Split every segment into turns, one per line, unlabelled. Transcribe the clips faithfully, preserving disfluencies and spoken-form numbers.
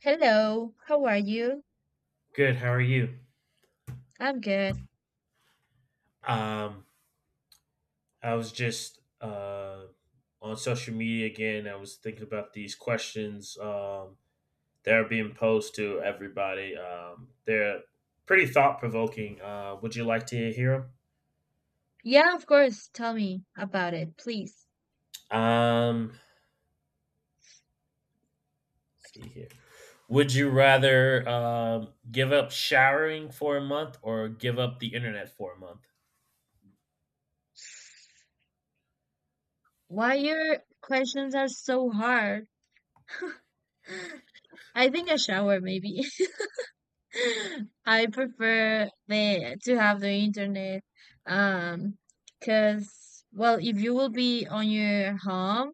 Hello, how are you?
Good. How are you?
I'm good.
Um, I was just uh, on social media again. I was thinking about these questions um, that are being posed to everybody. Um, they're pretty thought provoking. Uh, would you like to hear
Yeah, of course. Tell me about it, please.
them? Um, let's see here. Would you rather um, give up showering for a month or give up the internet for a month?
Why your questions are so hard? I think a shower, maybe. I prefer the to have the internet, um, because well, if you will be on your home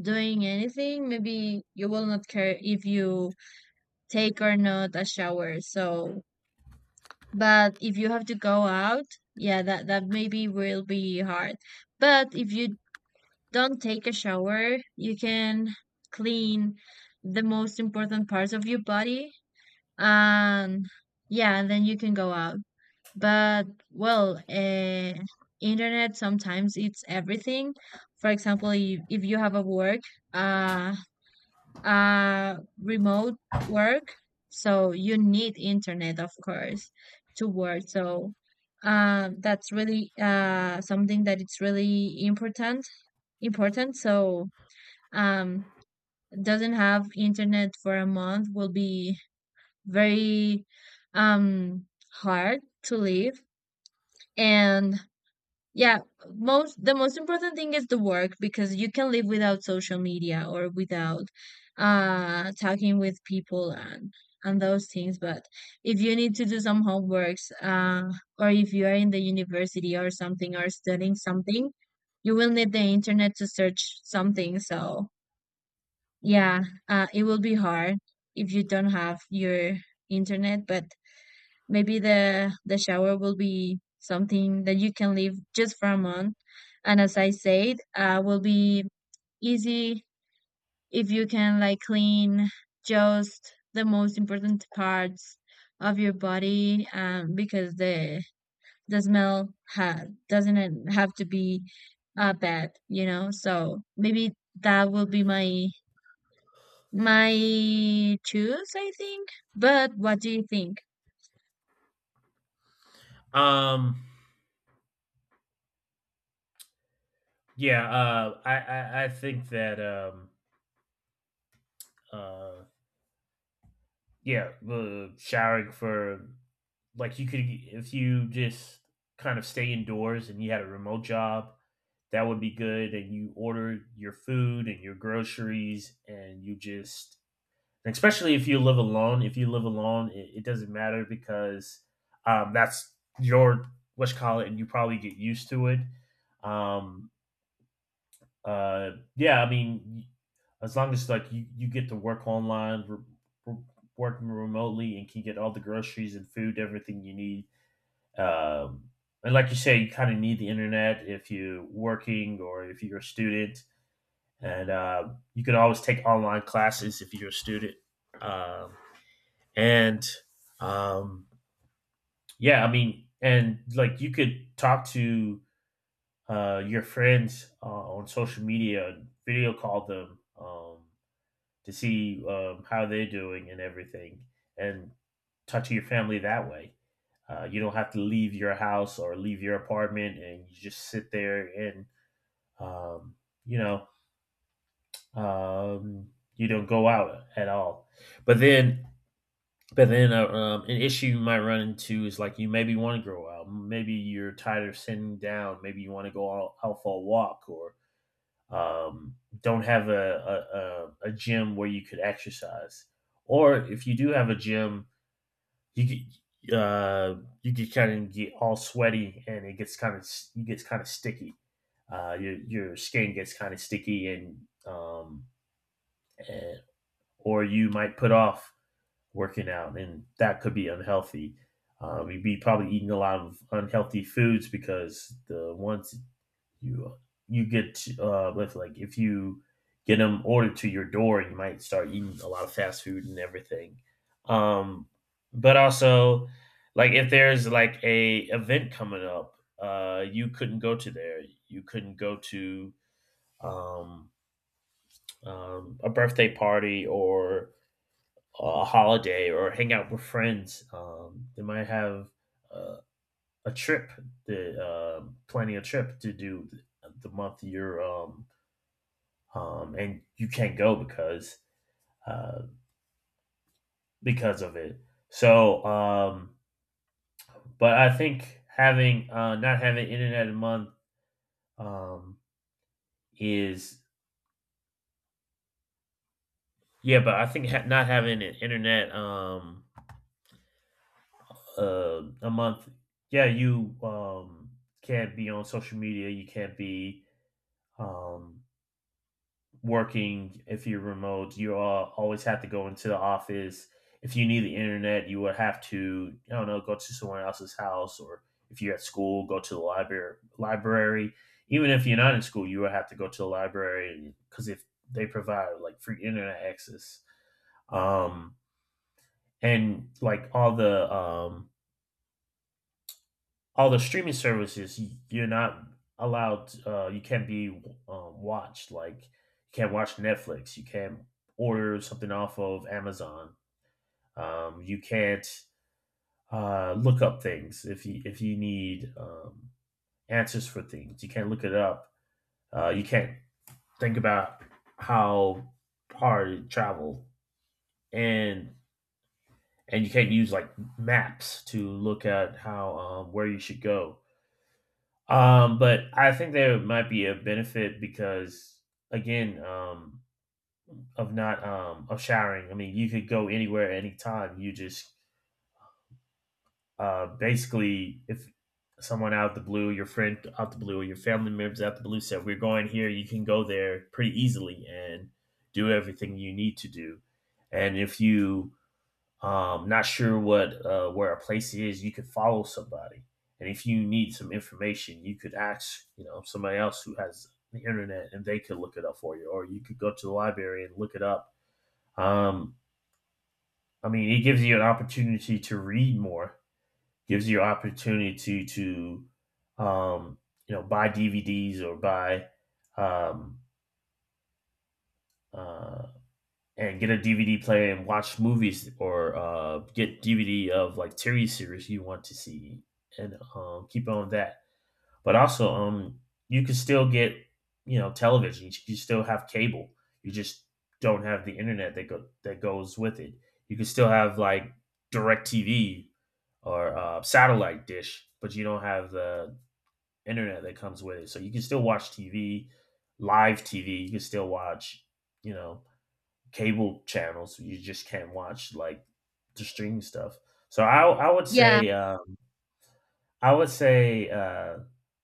doing anything, maybe you will not care if you take or not a shower. So. But if you have to go out, yeah, that that maybe will be hard. But if you don't take a shower, you can clean the most important parts of your body, and yeah, and then you can go out. But well, uh, internet sometimes it's everything. For example, if, if you have a work, uh uh, remote work. So you need internet, of course, to work. So um, that's really uh, something that it's really important. Important. So um, doesn't have internet for a month will be very um, hard to live. And yeah, most the most important thing is the work because you can live without social media or without uh talking with people and and those things. But if you need to do some homeworks, uh, or if you are in the university or something or studying something, you will need the internet to search something. So yeah, uh, it will be hard if you don't have your internet, but maybe the the shower will be something that you can leave just for a month. And as I said, uh, will be easy if you can like clean just the most important parts of your body, um, because the the smell ha- doesn't have to be uh, bad, you know. So maybe that will be my my choose, I think. But what do you think?
Um, yeah, uh, I, I I think that um, uh, yeah, uh, showering for, like, you could, if you just kind of stay indoors and you had a remote job, that would be good, and you order your food and your groceries, and you just, especially if you live alone, if you live alone it, it doesn't matter because um, that's your what's call it, and you probably get used to it. Um, uh, yeah i mean, as long as, like, you, you get to work online, re- re- working remotely, and can get all the groceries and food, everything you need. um, and like you say, you kind of need the internet if you're working or if you're a student. And uh, you can always take online classes if you're a student. Um, and um, yeah, I mean, and like you could talk to uh, your friends uh, on social media, video call them, um, to see um, how they're doing and everything, and touch your family that way. Uh, you don't have to leave your house or leave your apartment, and you just sit there and um, you know um, you don't go out at all. But then, but then uh, um, an issue you might run into is, like, you maybe want to grow out, maybe you're tired of sitting down, maybe you want to go out, out for a walk, or um, don't have a, a, a, gym where you could exercise, or if you do have a gym, you could, uh, you could kind of get all sweaty and it gets kind of, you gets kind of sticky. Uh, your your skin gets kind of sticky, and, um, and or you might put off working out, and that could be unhealthy. Um, you'd be probably eating a lot of unhealthy foods, because the ones you, you get uh with, like, if you get them ordered to your door, you might start eating a lot of fast food and everything. um but also, like, if there's like a event coming up, uh you couldn't go to there, you couldn't go to um, um a birthday party or a holiday or hang out with friends. Um they might have uh, a trip, the uh, planning a trip to do the month you're um um, and you can't go because uh, because of it. So, um, but I think having uh, not having internet a month um, is, yeah, but I think ha- not having an internet um, uh, a month, yeah, you um, can't be on social media, you can't be um, working. If you're remote, you all always have to go into the office. If you need the internet, you would have to, I don't know, go to someone else's house, or if you're at school, go to the library library. Even if you're not in school, you would have to go to the library because if they provide like free internet access. um and like all the um all the streaming services, y- you're not allowed. Uh, you can't be um, watched. Like, you can't watch Netflix. You can't order something off of Amazon. Um, you can't uh, look up things if you, if you need um, answers for things. You can't look it up. Uh, you can't think about how hard it traveled, and and you can't use, like, maps to look at how, um, where you should go. Um, but I think there might be a benefit because, again, um, of not, um of showering. I mean, you could go anywhere anytime. You just uh basically, if someone out the blue, your friend out the blue, or your family members out the blue said, we're going here, you can go there pretty easily and do everything you need to do. And if you um, not sure what, uh, where a place is, you could follow somebody, and if you need some information, you could ask, you know, somebody else who has the internet, and they could look it up for you, or you could go to the library and look it up. Um, I mean, it gives you an opportunity to read more, gives you an opportunity to um, you know, buy D V Ds or buy um, uh, and get a D V D player and watch movies, or uh, get D V D of like T V series you want to see and um, keep on that. But also, um, you can still get, you know, television. You still have cable. You just don't have the internet that go that goes with it. You can still have like DirecTV or uh, satellite dish, but you don't have the internet that comes with it. So you can still watch T V, live T V. You can still watch, you know, cable channels. You just can't watch like the streaming stuff. So I I would
Yeah,
say um, I would say uh,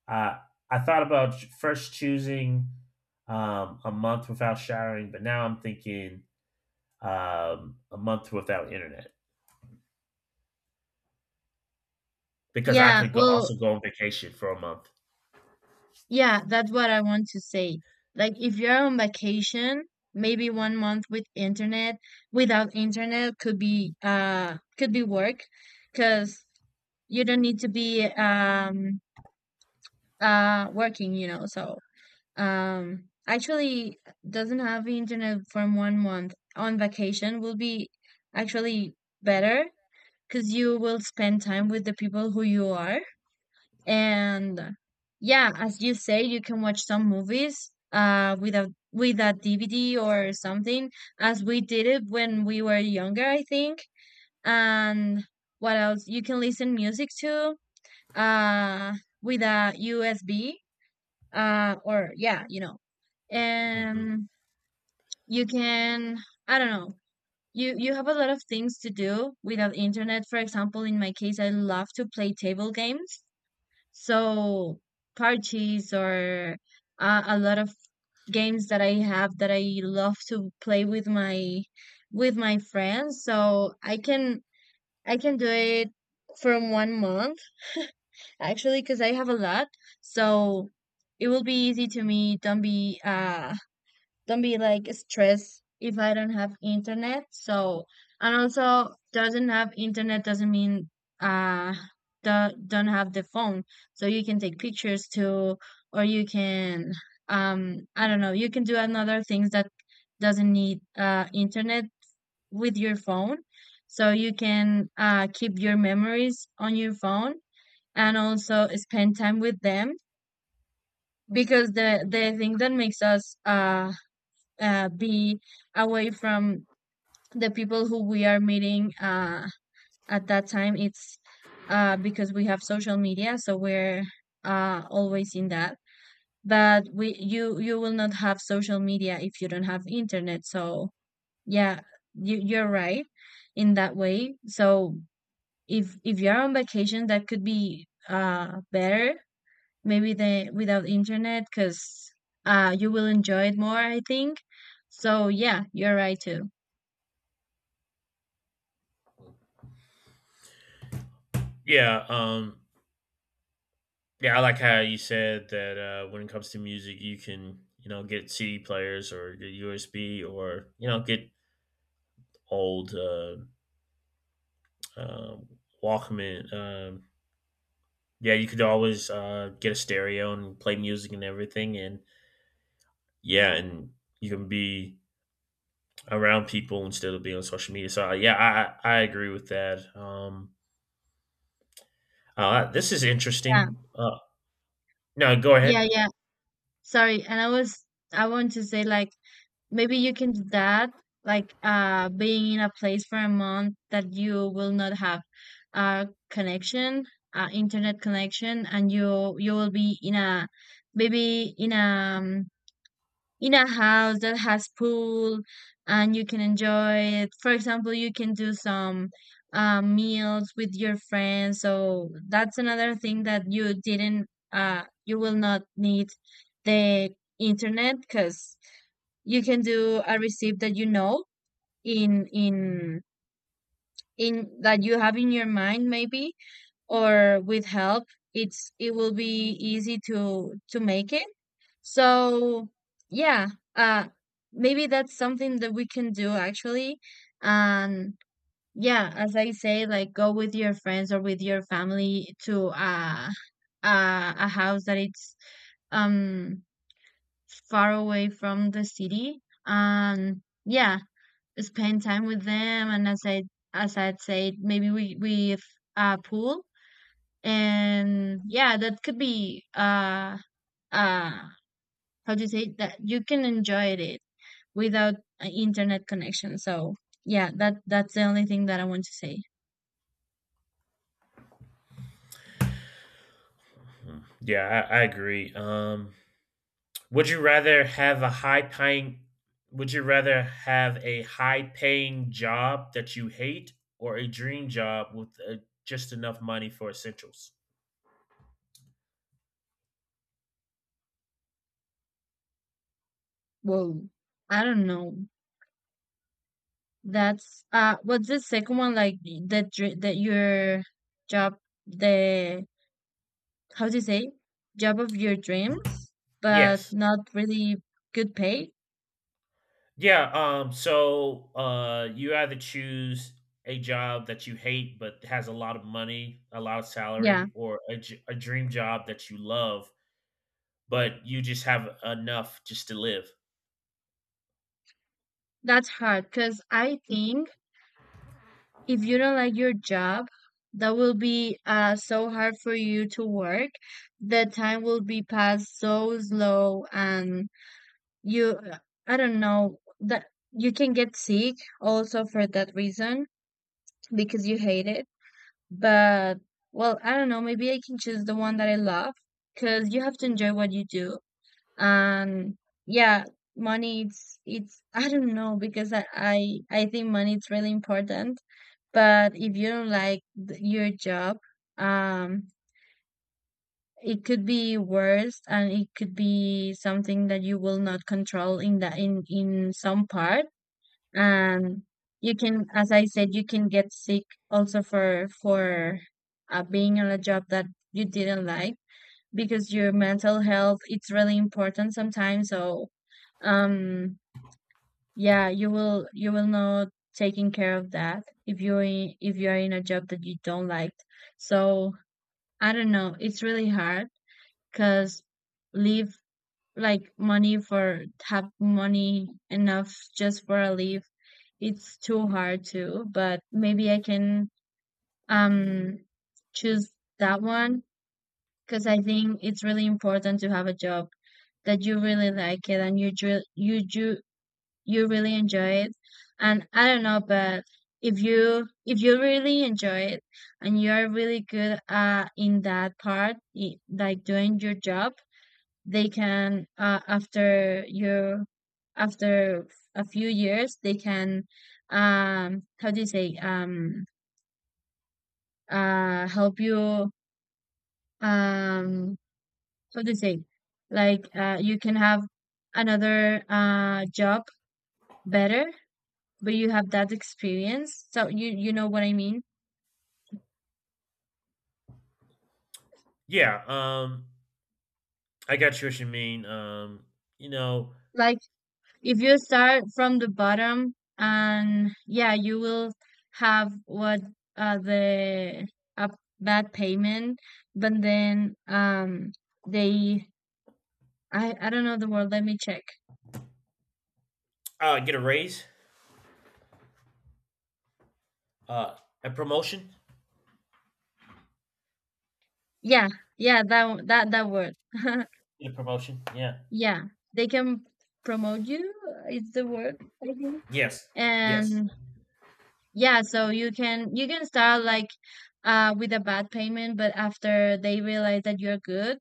I I thought about first choosing um, a month without showering, but now I'm thinking um, a month without internet because I
yeah.
could go,
Well,
also go on vacation for a month.
yeah, that's what I want to say. Like if you're on vacation, maybe one month with internet, without internet could be uh could be work because you don't need to be um uh working, you know. So, um actually doesn't have internet for one month on vacation will be actually better because you will spend time with the people who you are, and yeah, as you say, you can watch some movies uh with a with a D V D or something, as we did it when we were younger, I think. And what else? You can listen music too uh with a U S B uh or yeah, you know.
Hmm.
And you can I don't know. You you have a lot of things to do without internet. For example, in my case, I love to play table games, so parties or uh, a lot of games that I have that I love to play with my with my friends. So I can I can do it from one month actually because I have a lot. So it will be easy to me. Don't be uh don't be like stressed if I don't have internet. So, and also doesn't have internet doesn't mean uh do, don't have the phone. So you can take pictures too, or you can um I don't know, you can do another things that doesn't need uh internet with your phone. So you can uh keep your memories on your phone and also spend time with them, because the the thing that makes us uh uh, be away from the people who we are meeting uh, at that time. It's uh, because we have social media, so we're uh, always in that. But we you you will not have social media if you don't have internet. So yeah, you you're right in that way. So if if you're on vacation, that could be uh, better, maybe the without internet, because uh, you will enjoy it more, I think. So yeah, you're right too.
Yeah, um, yeah, I like how you said that, uh, when it comes to music, you can, you know, get C D players or get U S B or, you know, get old uh, um, Walkman. Um, yeah, you could always uh, get a stereo and play music and everything, and yeah, and you can be around people instead of being on social media. So uh, yeah, I I I agree with that. Um, uh, this is
Yeah,
interesting. Uh, no, go ahead.
yeah, yeah. Sorry. And I was, I want to say, like, maybe you can do that, like, uh, being in a place for a month that you will not have a connection, uh, internet connection, and you you will be in a maybe in a um, in a house that has pool and you can enjoy it. For example, you can do some uh, meals with your friends. So that's another thing that you didn't, uh, you will not need the internet, because you can do a recipe that you know in in in that you have in your mind, maybe, or with help it's it will be easy to to make it, so, yeah, uh, maybe that's something that we can do actually. And yeah, as I say, like, go with your friends or with your family to uh, uh, a house that it's um far away from the city. And yeah, spend time with them. And as I as I'd say, maybe we we uh pool. And yeah, that could be uh uh how do you say, that you can enjoy it without an internet connection. So yeah, that that's the only thing that I want to say.
Hmm. Yeah, I, I agree. Um, would you rather have a high paying would you rather have a high paying job that you hate, or a dream job with uh just enough money for essentials?
Whoa, I don't know. That's uh, what's the second one like, that dr- that your job the how do you say, job of your dreams, but
Yes.
not really good pay.
Yeah, um, so, uh, you either choose a job that you hate but has a lot of money, a lot of
Yeah,
salary, or a j a dream job that you love, but you just have enough just to live.
that's hard because I think if you don't like your job, that will be uh, so hard for you to work. The time will be passed so slow, and you, I don't know, that you can get sick also for that reason because you hate it. But well, I don't know, maybe I can choose the one that I love because you have to enjoy what you do, and yeah, money, it's it's I don't know, because i i, I think money is really important, but if you don't like th- your job, um it could be worse, and it could be something that you will not control in the in in some part. And you can, as i said, you can get sick also for for uh, being on a job that you didn't like, because your mental health it's really important sometimes, so um yeah, you will you will not taking care of that if you're in, if you're in a job that you don't like. So i don't know, it's really hard, because leave, like, money for have money enough just for a leave, it's too hard too. But maybe i can um choose that one, because i think it's really important to have a job that you really like it and you dr- you you you really enjoy it. And I don't know, but if you if you really enjoy it, and you are really good uh in that part, i- like doing your job, they can uh after your after a few years they can um how do you say, um uh help you, um how do you say, like, uh you can have another uh job, better, but you have that experience, so you you know what i mean,
Yeah, um, I got you what you mean, um, you know,
like, if you start from the bottom, and yeah, you will have what, uh the, a, bad payment, but then, um they, i i don't know the word, let me check.
uh, get a raise, uh, a promotion.
Yeah, yeah that one- that that word.
Get a promotion. Yeah.
Yeah, they can promote you is the word, I think.
Yes. Yes.
And yeah, so you can you can start like uh with a bad payment, but after they realize that you're good,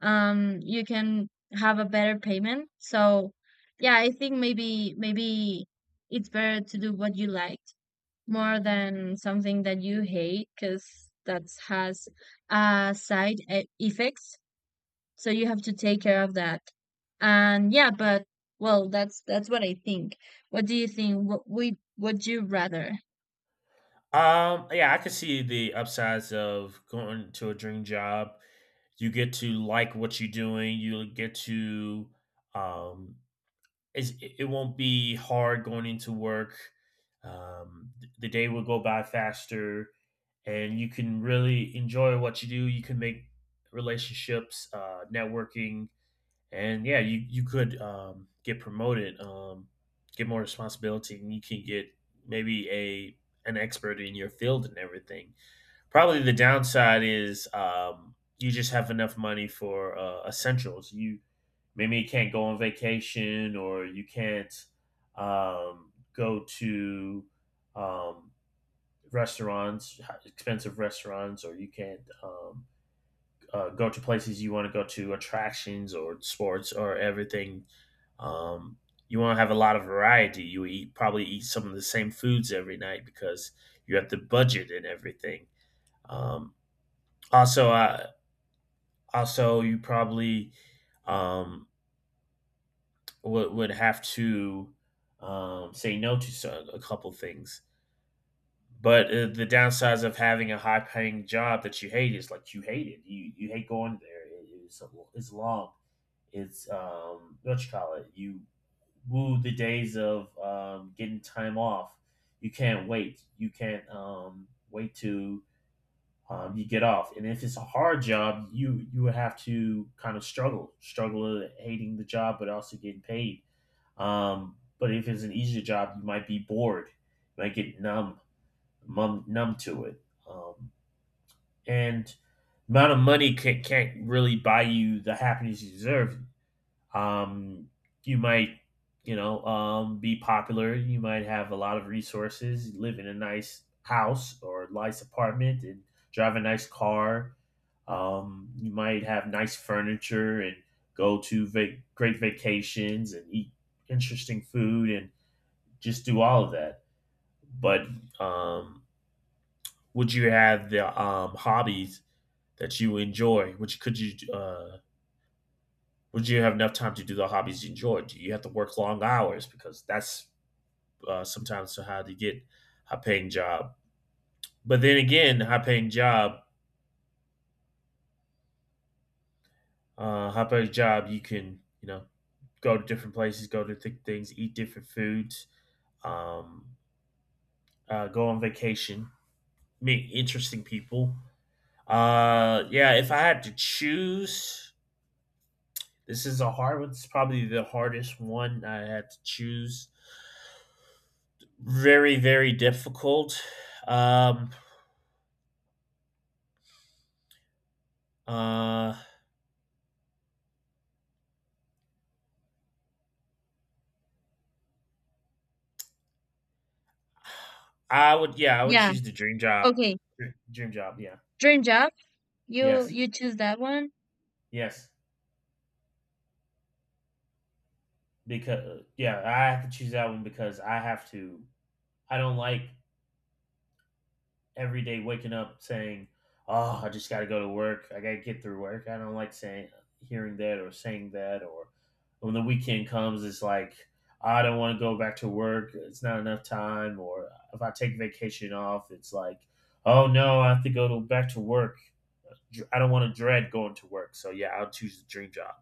um you can have a better payment. So yeah, I think maybe, maybe it's better to do what you like more than something that you hate, because that has uh side e- effects. So you have to take care of that. And yeah, but well, that's that's what I think. What do you think? What we would you rather?
Um. Yeah, I can see the upsides of going to a dream job. You get to like what you're doing. You get to. Um. It's, it won't be hard going into work. Um. The day will go by faster, and you can really enjoy what you do. You can make relationships, uh, networking, and yeah, you you could um, get promoted, um, get more responsibility, and you can get maybe a an expert in your field and everything. Probably the downside is, um, you just have enough money for uh, essentials. You, maybe you can't go on vacation, or you can't um, go to um, restaurants, expensive restaurants, or you can't. Um, uh, go to places you want to go to, attractions or sports or everything. Um, you want to have a lot of variety. You eat, probably eat some of the same foods every night because you have to budget and everything. Um, Also, uh, also you probably um, would would have to um, say no to so- a couple things. But uh, the downsides of having a high paying job that you hate is, like, you hate it. You you hate going there. It, it's a- it's long. It's, um, what you call it. You woo the days of um, getting time off. You can't wait. You can't um, wait to um, you get off. And if it's a hard job, you you would have to kind of struggle, struggle at hating the job, but also getting paid. Um, but if it's an easier job, you might be bored, you might get numb, numb, numb to it. Um, and Amount of money can, can't really buy you the happiness you deserve. Um, you might, you know, um, be popular. You might have a lot of resources, live in a nice house or nice apartment, and drive a nice car. Um, you might have nice furniture and go to vac great vacations and eat interesting food and just do all of that. But um, would you have the um, hobbies that you enjoy? Which could you uh, would you have enough time to do the hobbies you enjoy? Do you have to work long hours because that's uh, sometimes how to get high paying job. But then again, high paying job, uh, high paying job, you can, you know, go to different places, go to th- things, eat different foods, um, uh, go on vacation, meet interesting people. Uh, yeah, if I had to choose this is a hard one. It's probably the hardest one I had to choose. Very, very difficult. Um, uh, I would, yeah, I would
Yeah,
choose the dream job.
okay,
Dream job, yeah,
dream job. You
yes,
you choose that one?
yes, because yeah, I have to choose that one because I have to. I don't like every day waking up saying, "Oh, I just got to go to work. I got to get through work." I don't like saying hearing that or saying that or when the weekend comes it's like I don't want to go back to work. It's not enough time, or if I take vacation off, it's like, "Oh no, I have to go to, back to work. Dr- I don't want to dread going to work." So yeah, I'll choose the dream job.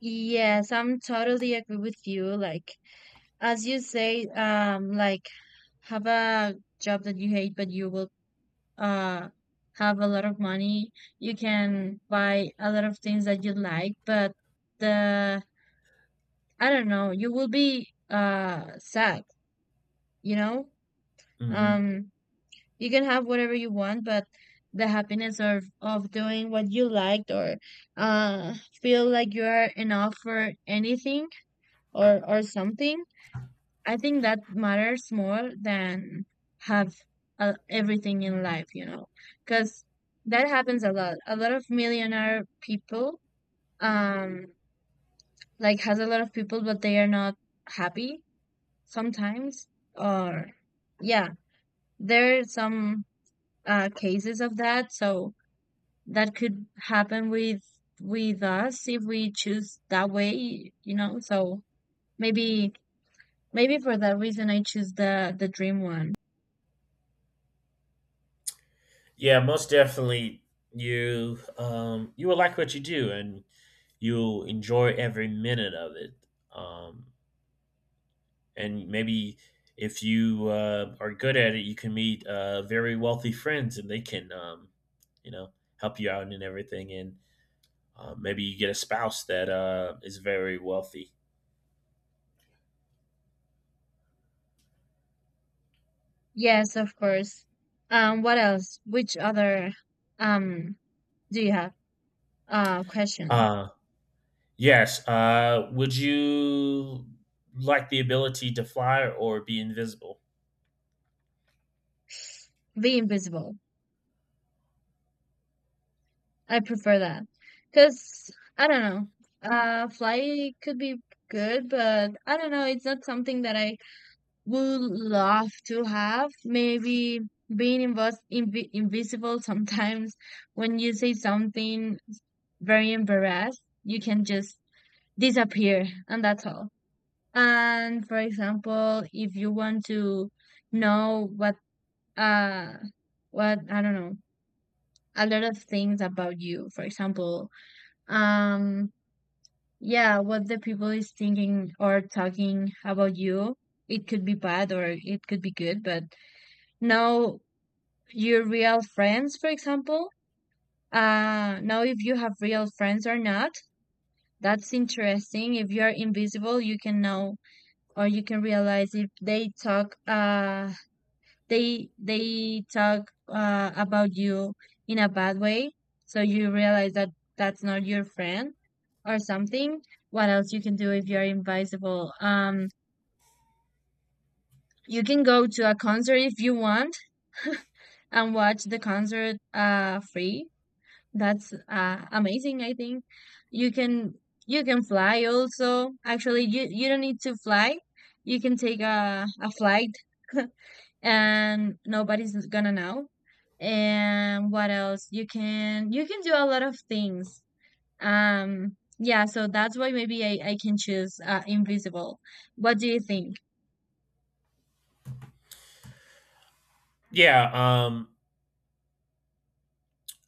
Yes, I'm totally agree with you. Like, as you say, um, like, have a job that you hate, but you will uh have a lot of money. You can buy a lot of things that you like, but the, I don't know, you will be uh sad, you know?
Hmm.
Um, you can have whatever you want, but the happiness of of doing what you liked, or uh feel like you are enough for anything, or or something, I think that matters more than have uh, everything in life, you know, because that happens a lot, a lot of millionaire people, um like, has a lot of people but they are not happy sometimes, or yeah, there are some uh cases of that, so that could happen with with us if we choose that way, you know? So maybe, maybe for that reason I choose the the dream one.
Yeah, most definitely you um you will like what you do and you'll enjoy every minute of it. Um, and maybe if you uh, are good at it, you can meet uh, very wealthy friends, and they can, um, you know, help you out and everything. And uh, maybe you get a spouse that uh, is very wealthy.
Yes, of course. Um, what else? Which other um do you have? Uh, question.
Uh, yes. Uh, would you like the ability to fly or be invisible?
Be invisible. I prefer that, cause I don't know. Uh, fly could be good, but I don't know, it's not something that I would love to have, maybe. Being invas inv invisible sometimes, when you say something very embarrassed you can just disappear and that's all. And, for example, if you want to know what, uh what, I don't know, a lot of things about you, for example, um yeah, what the people is thinking or talking about you, it could be bad or it could be good, but now your real friends, for example. Uh, now, if you have real friends or not, that's interesting. If you are invisible, you can know, or you can realize if they talk. Uh, they they talk uh, about you in a bad way, so you realize that that's not your friend, or something. What else you can do if you're invisible? Um, you can go to a concert if you want and watch the concert uh free. That's uh, amazing, I think. You can you can fly also. Actually, you you don't need to fly. You can take a a flight and nobody's gonna know. And what else? You can you can do a lot of things. Um, yeah, so that's why maybe I I can choose, uh, invisible. What do you think?
Yeah. Um.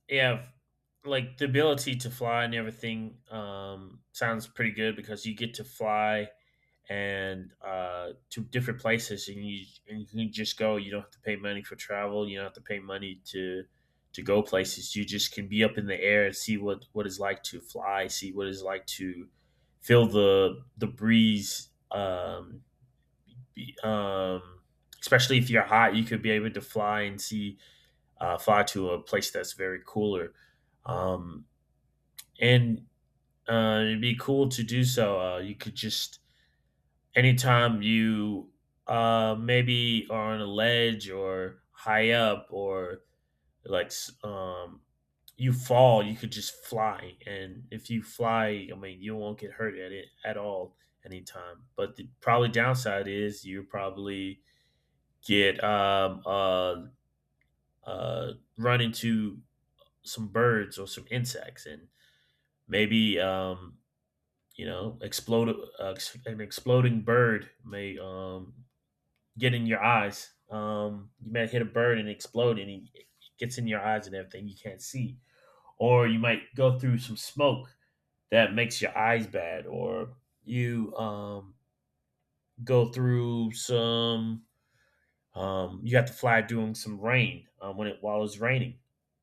Yeah. f- Like the ability to fly and everything um, sounds pretty good because you get to fly and uh, to different places, and you and you can just go. You don't have to pay money for travel. You don't have to pay money to to go places. You just can be up in the air and see what what it's like to fly. See what it's like to feel the the breeze. Um, be, um, especially if you're hot, you could be able to fly and see uh, fly to a place that's very cooler. Um, and uh, it'd be cool to do so. Uh, you could just anytime you uh maybe are on a ledge or high up or like s- um you fall, you could just fly, and if you fly, I mean, you won't get hurt at it at all anytime. But the probably downside is you probably get um uh uh run into some birds or some insects and maybe um you know explode. Uh, ex- an exploding bird may um get in your eyes. Um, you might hit a bird and explode, and it gets in your eyes and everything. You can't see, or you might go through some smoke that makes your eyes bad, or you um, go through some. Um, you have to fly during some rain um, when it while it's raining,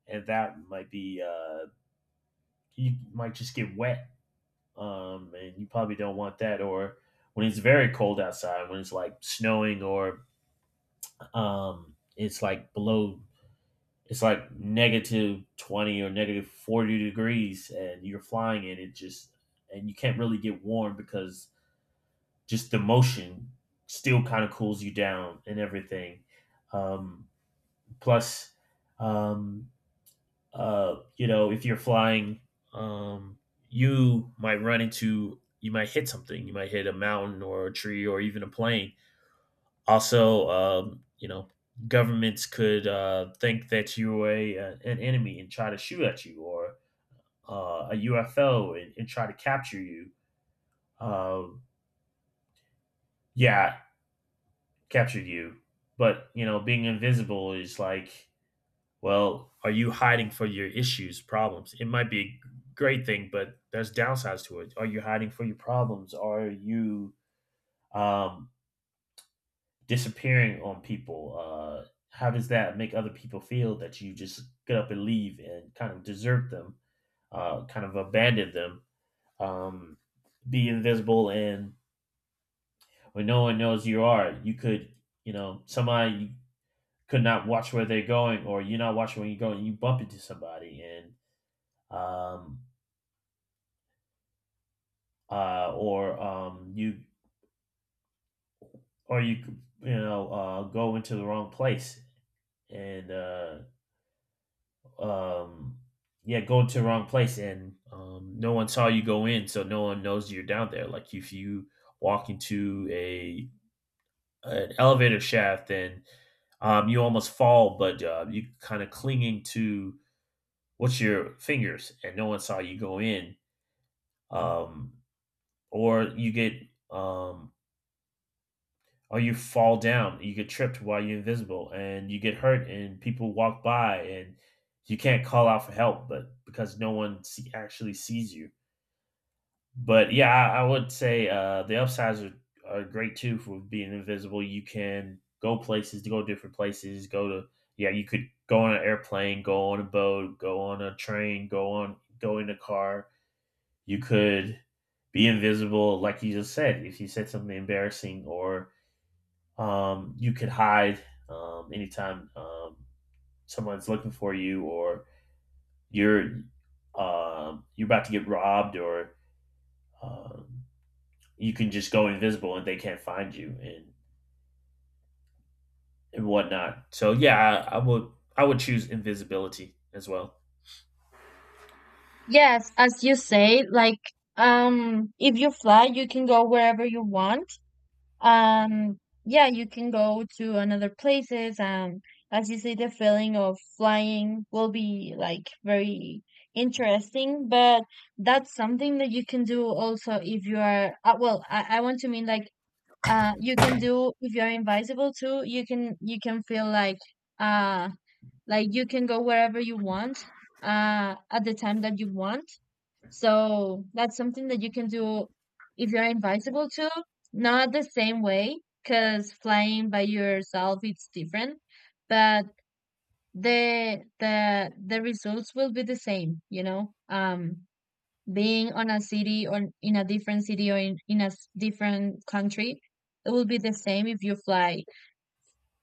and that might be uh, you might just get wet, um, and you probably don't want that. Or when it's very cold outside, when it's like snowing, or um, it's like below, it's like negative twenty or negative forty degrees and you're flying in it, just and you can't really get warm because just the motion still kind of cools you down and everything. Um, plus um, uh, you know, if you're flying, um, you might run into you might hit something, you might hit a mountain or a tree or even a plane. Also, um, you know, governments could uh, think that you're a, uh, an enemy and try to shoot at you, or uh, a U F O and, and try to capture you. Um, yeah, captured you. But you know, being invisible is like, well, are you hiding for your issues, problems? It might be a great thing, but there's downsides to it. Are you hiding for your problems? Are you um, disappearing on people? Uh, how does that make other people feel that you just get up and leave and kind of desert them, uh kind of abandon them? um be invisible, and when no one knows you are, you could, you know, somebody could not watch where they're going, or you're not watching where you're going, you bump into somebody. And um uh or um you or you, you know, uh go into the wrong place, and uh um, yeah, go to the wrong place and um, no one saw you go in, so no one knows you're down there. Like if you walk into a an elevator shaft and um, you almost fall, but uh, you kind of clinging to what's your fingers, and no one saw you go in, um, or you get um, or you fall down, you get tripped while you're invisible, and you get hurt, and people walk by, and you can't call out for help, but because no one see, actually sees you. But yeah, I, I would say uh, the upsides are, are great too for being invisible. You can go places, to go different places, go to yeah, you could go on an airplane, go on a boat, go on a train, go on go in a car. You could be invisible, like you just said, if you said something embarrassing, or um, you could hide um, anytime um, someone's looking for you, or you're um, you're about to get robbed, or um, you can just go invisible and they can't find you, and, and whatnot. So yeah, I, I would I would choose invisibility as well.
Yes, as you say, like, um if you fly, you can go wherever you want. Um, yeah, you can go to another places, and, as you say, the feeling of flying will be like very interesting, but that's something that you can do also if you are, uh, well, I, I want to mean, like, uh, you can do if you're invisible too. You can, you can feel like, uh, like you can go wherever you want, uh, at the time that you want. So that's something that you can do if you're invisible too. Not the same way, because flying by yourself it's different, but the the the results will be the same, you know. Um, being on a city, or in a different city, or in, in a s- different country, it will be the same if you fly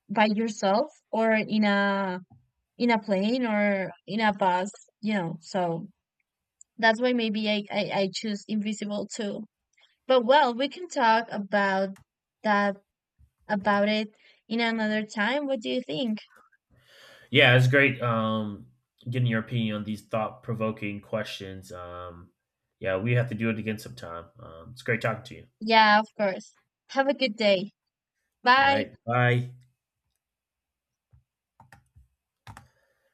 by yourself, or in a in a plane, or in a bus, you know. So that's why maybe I I, I choose invisible too. But well, we can talk about that about it in another time. What do you think?
Yeah, it's great um, getting your opinion on these thought provoking questions. Um, yeah, we have to do it again sometime. Um, it's great talking to you.
Yeah, of course. Have a good day.
All
Bye.
right, bye.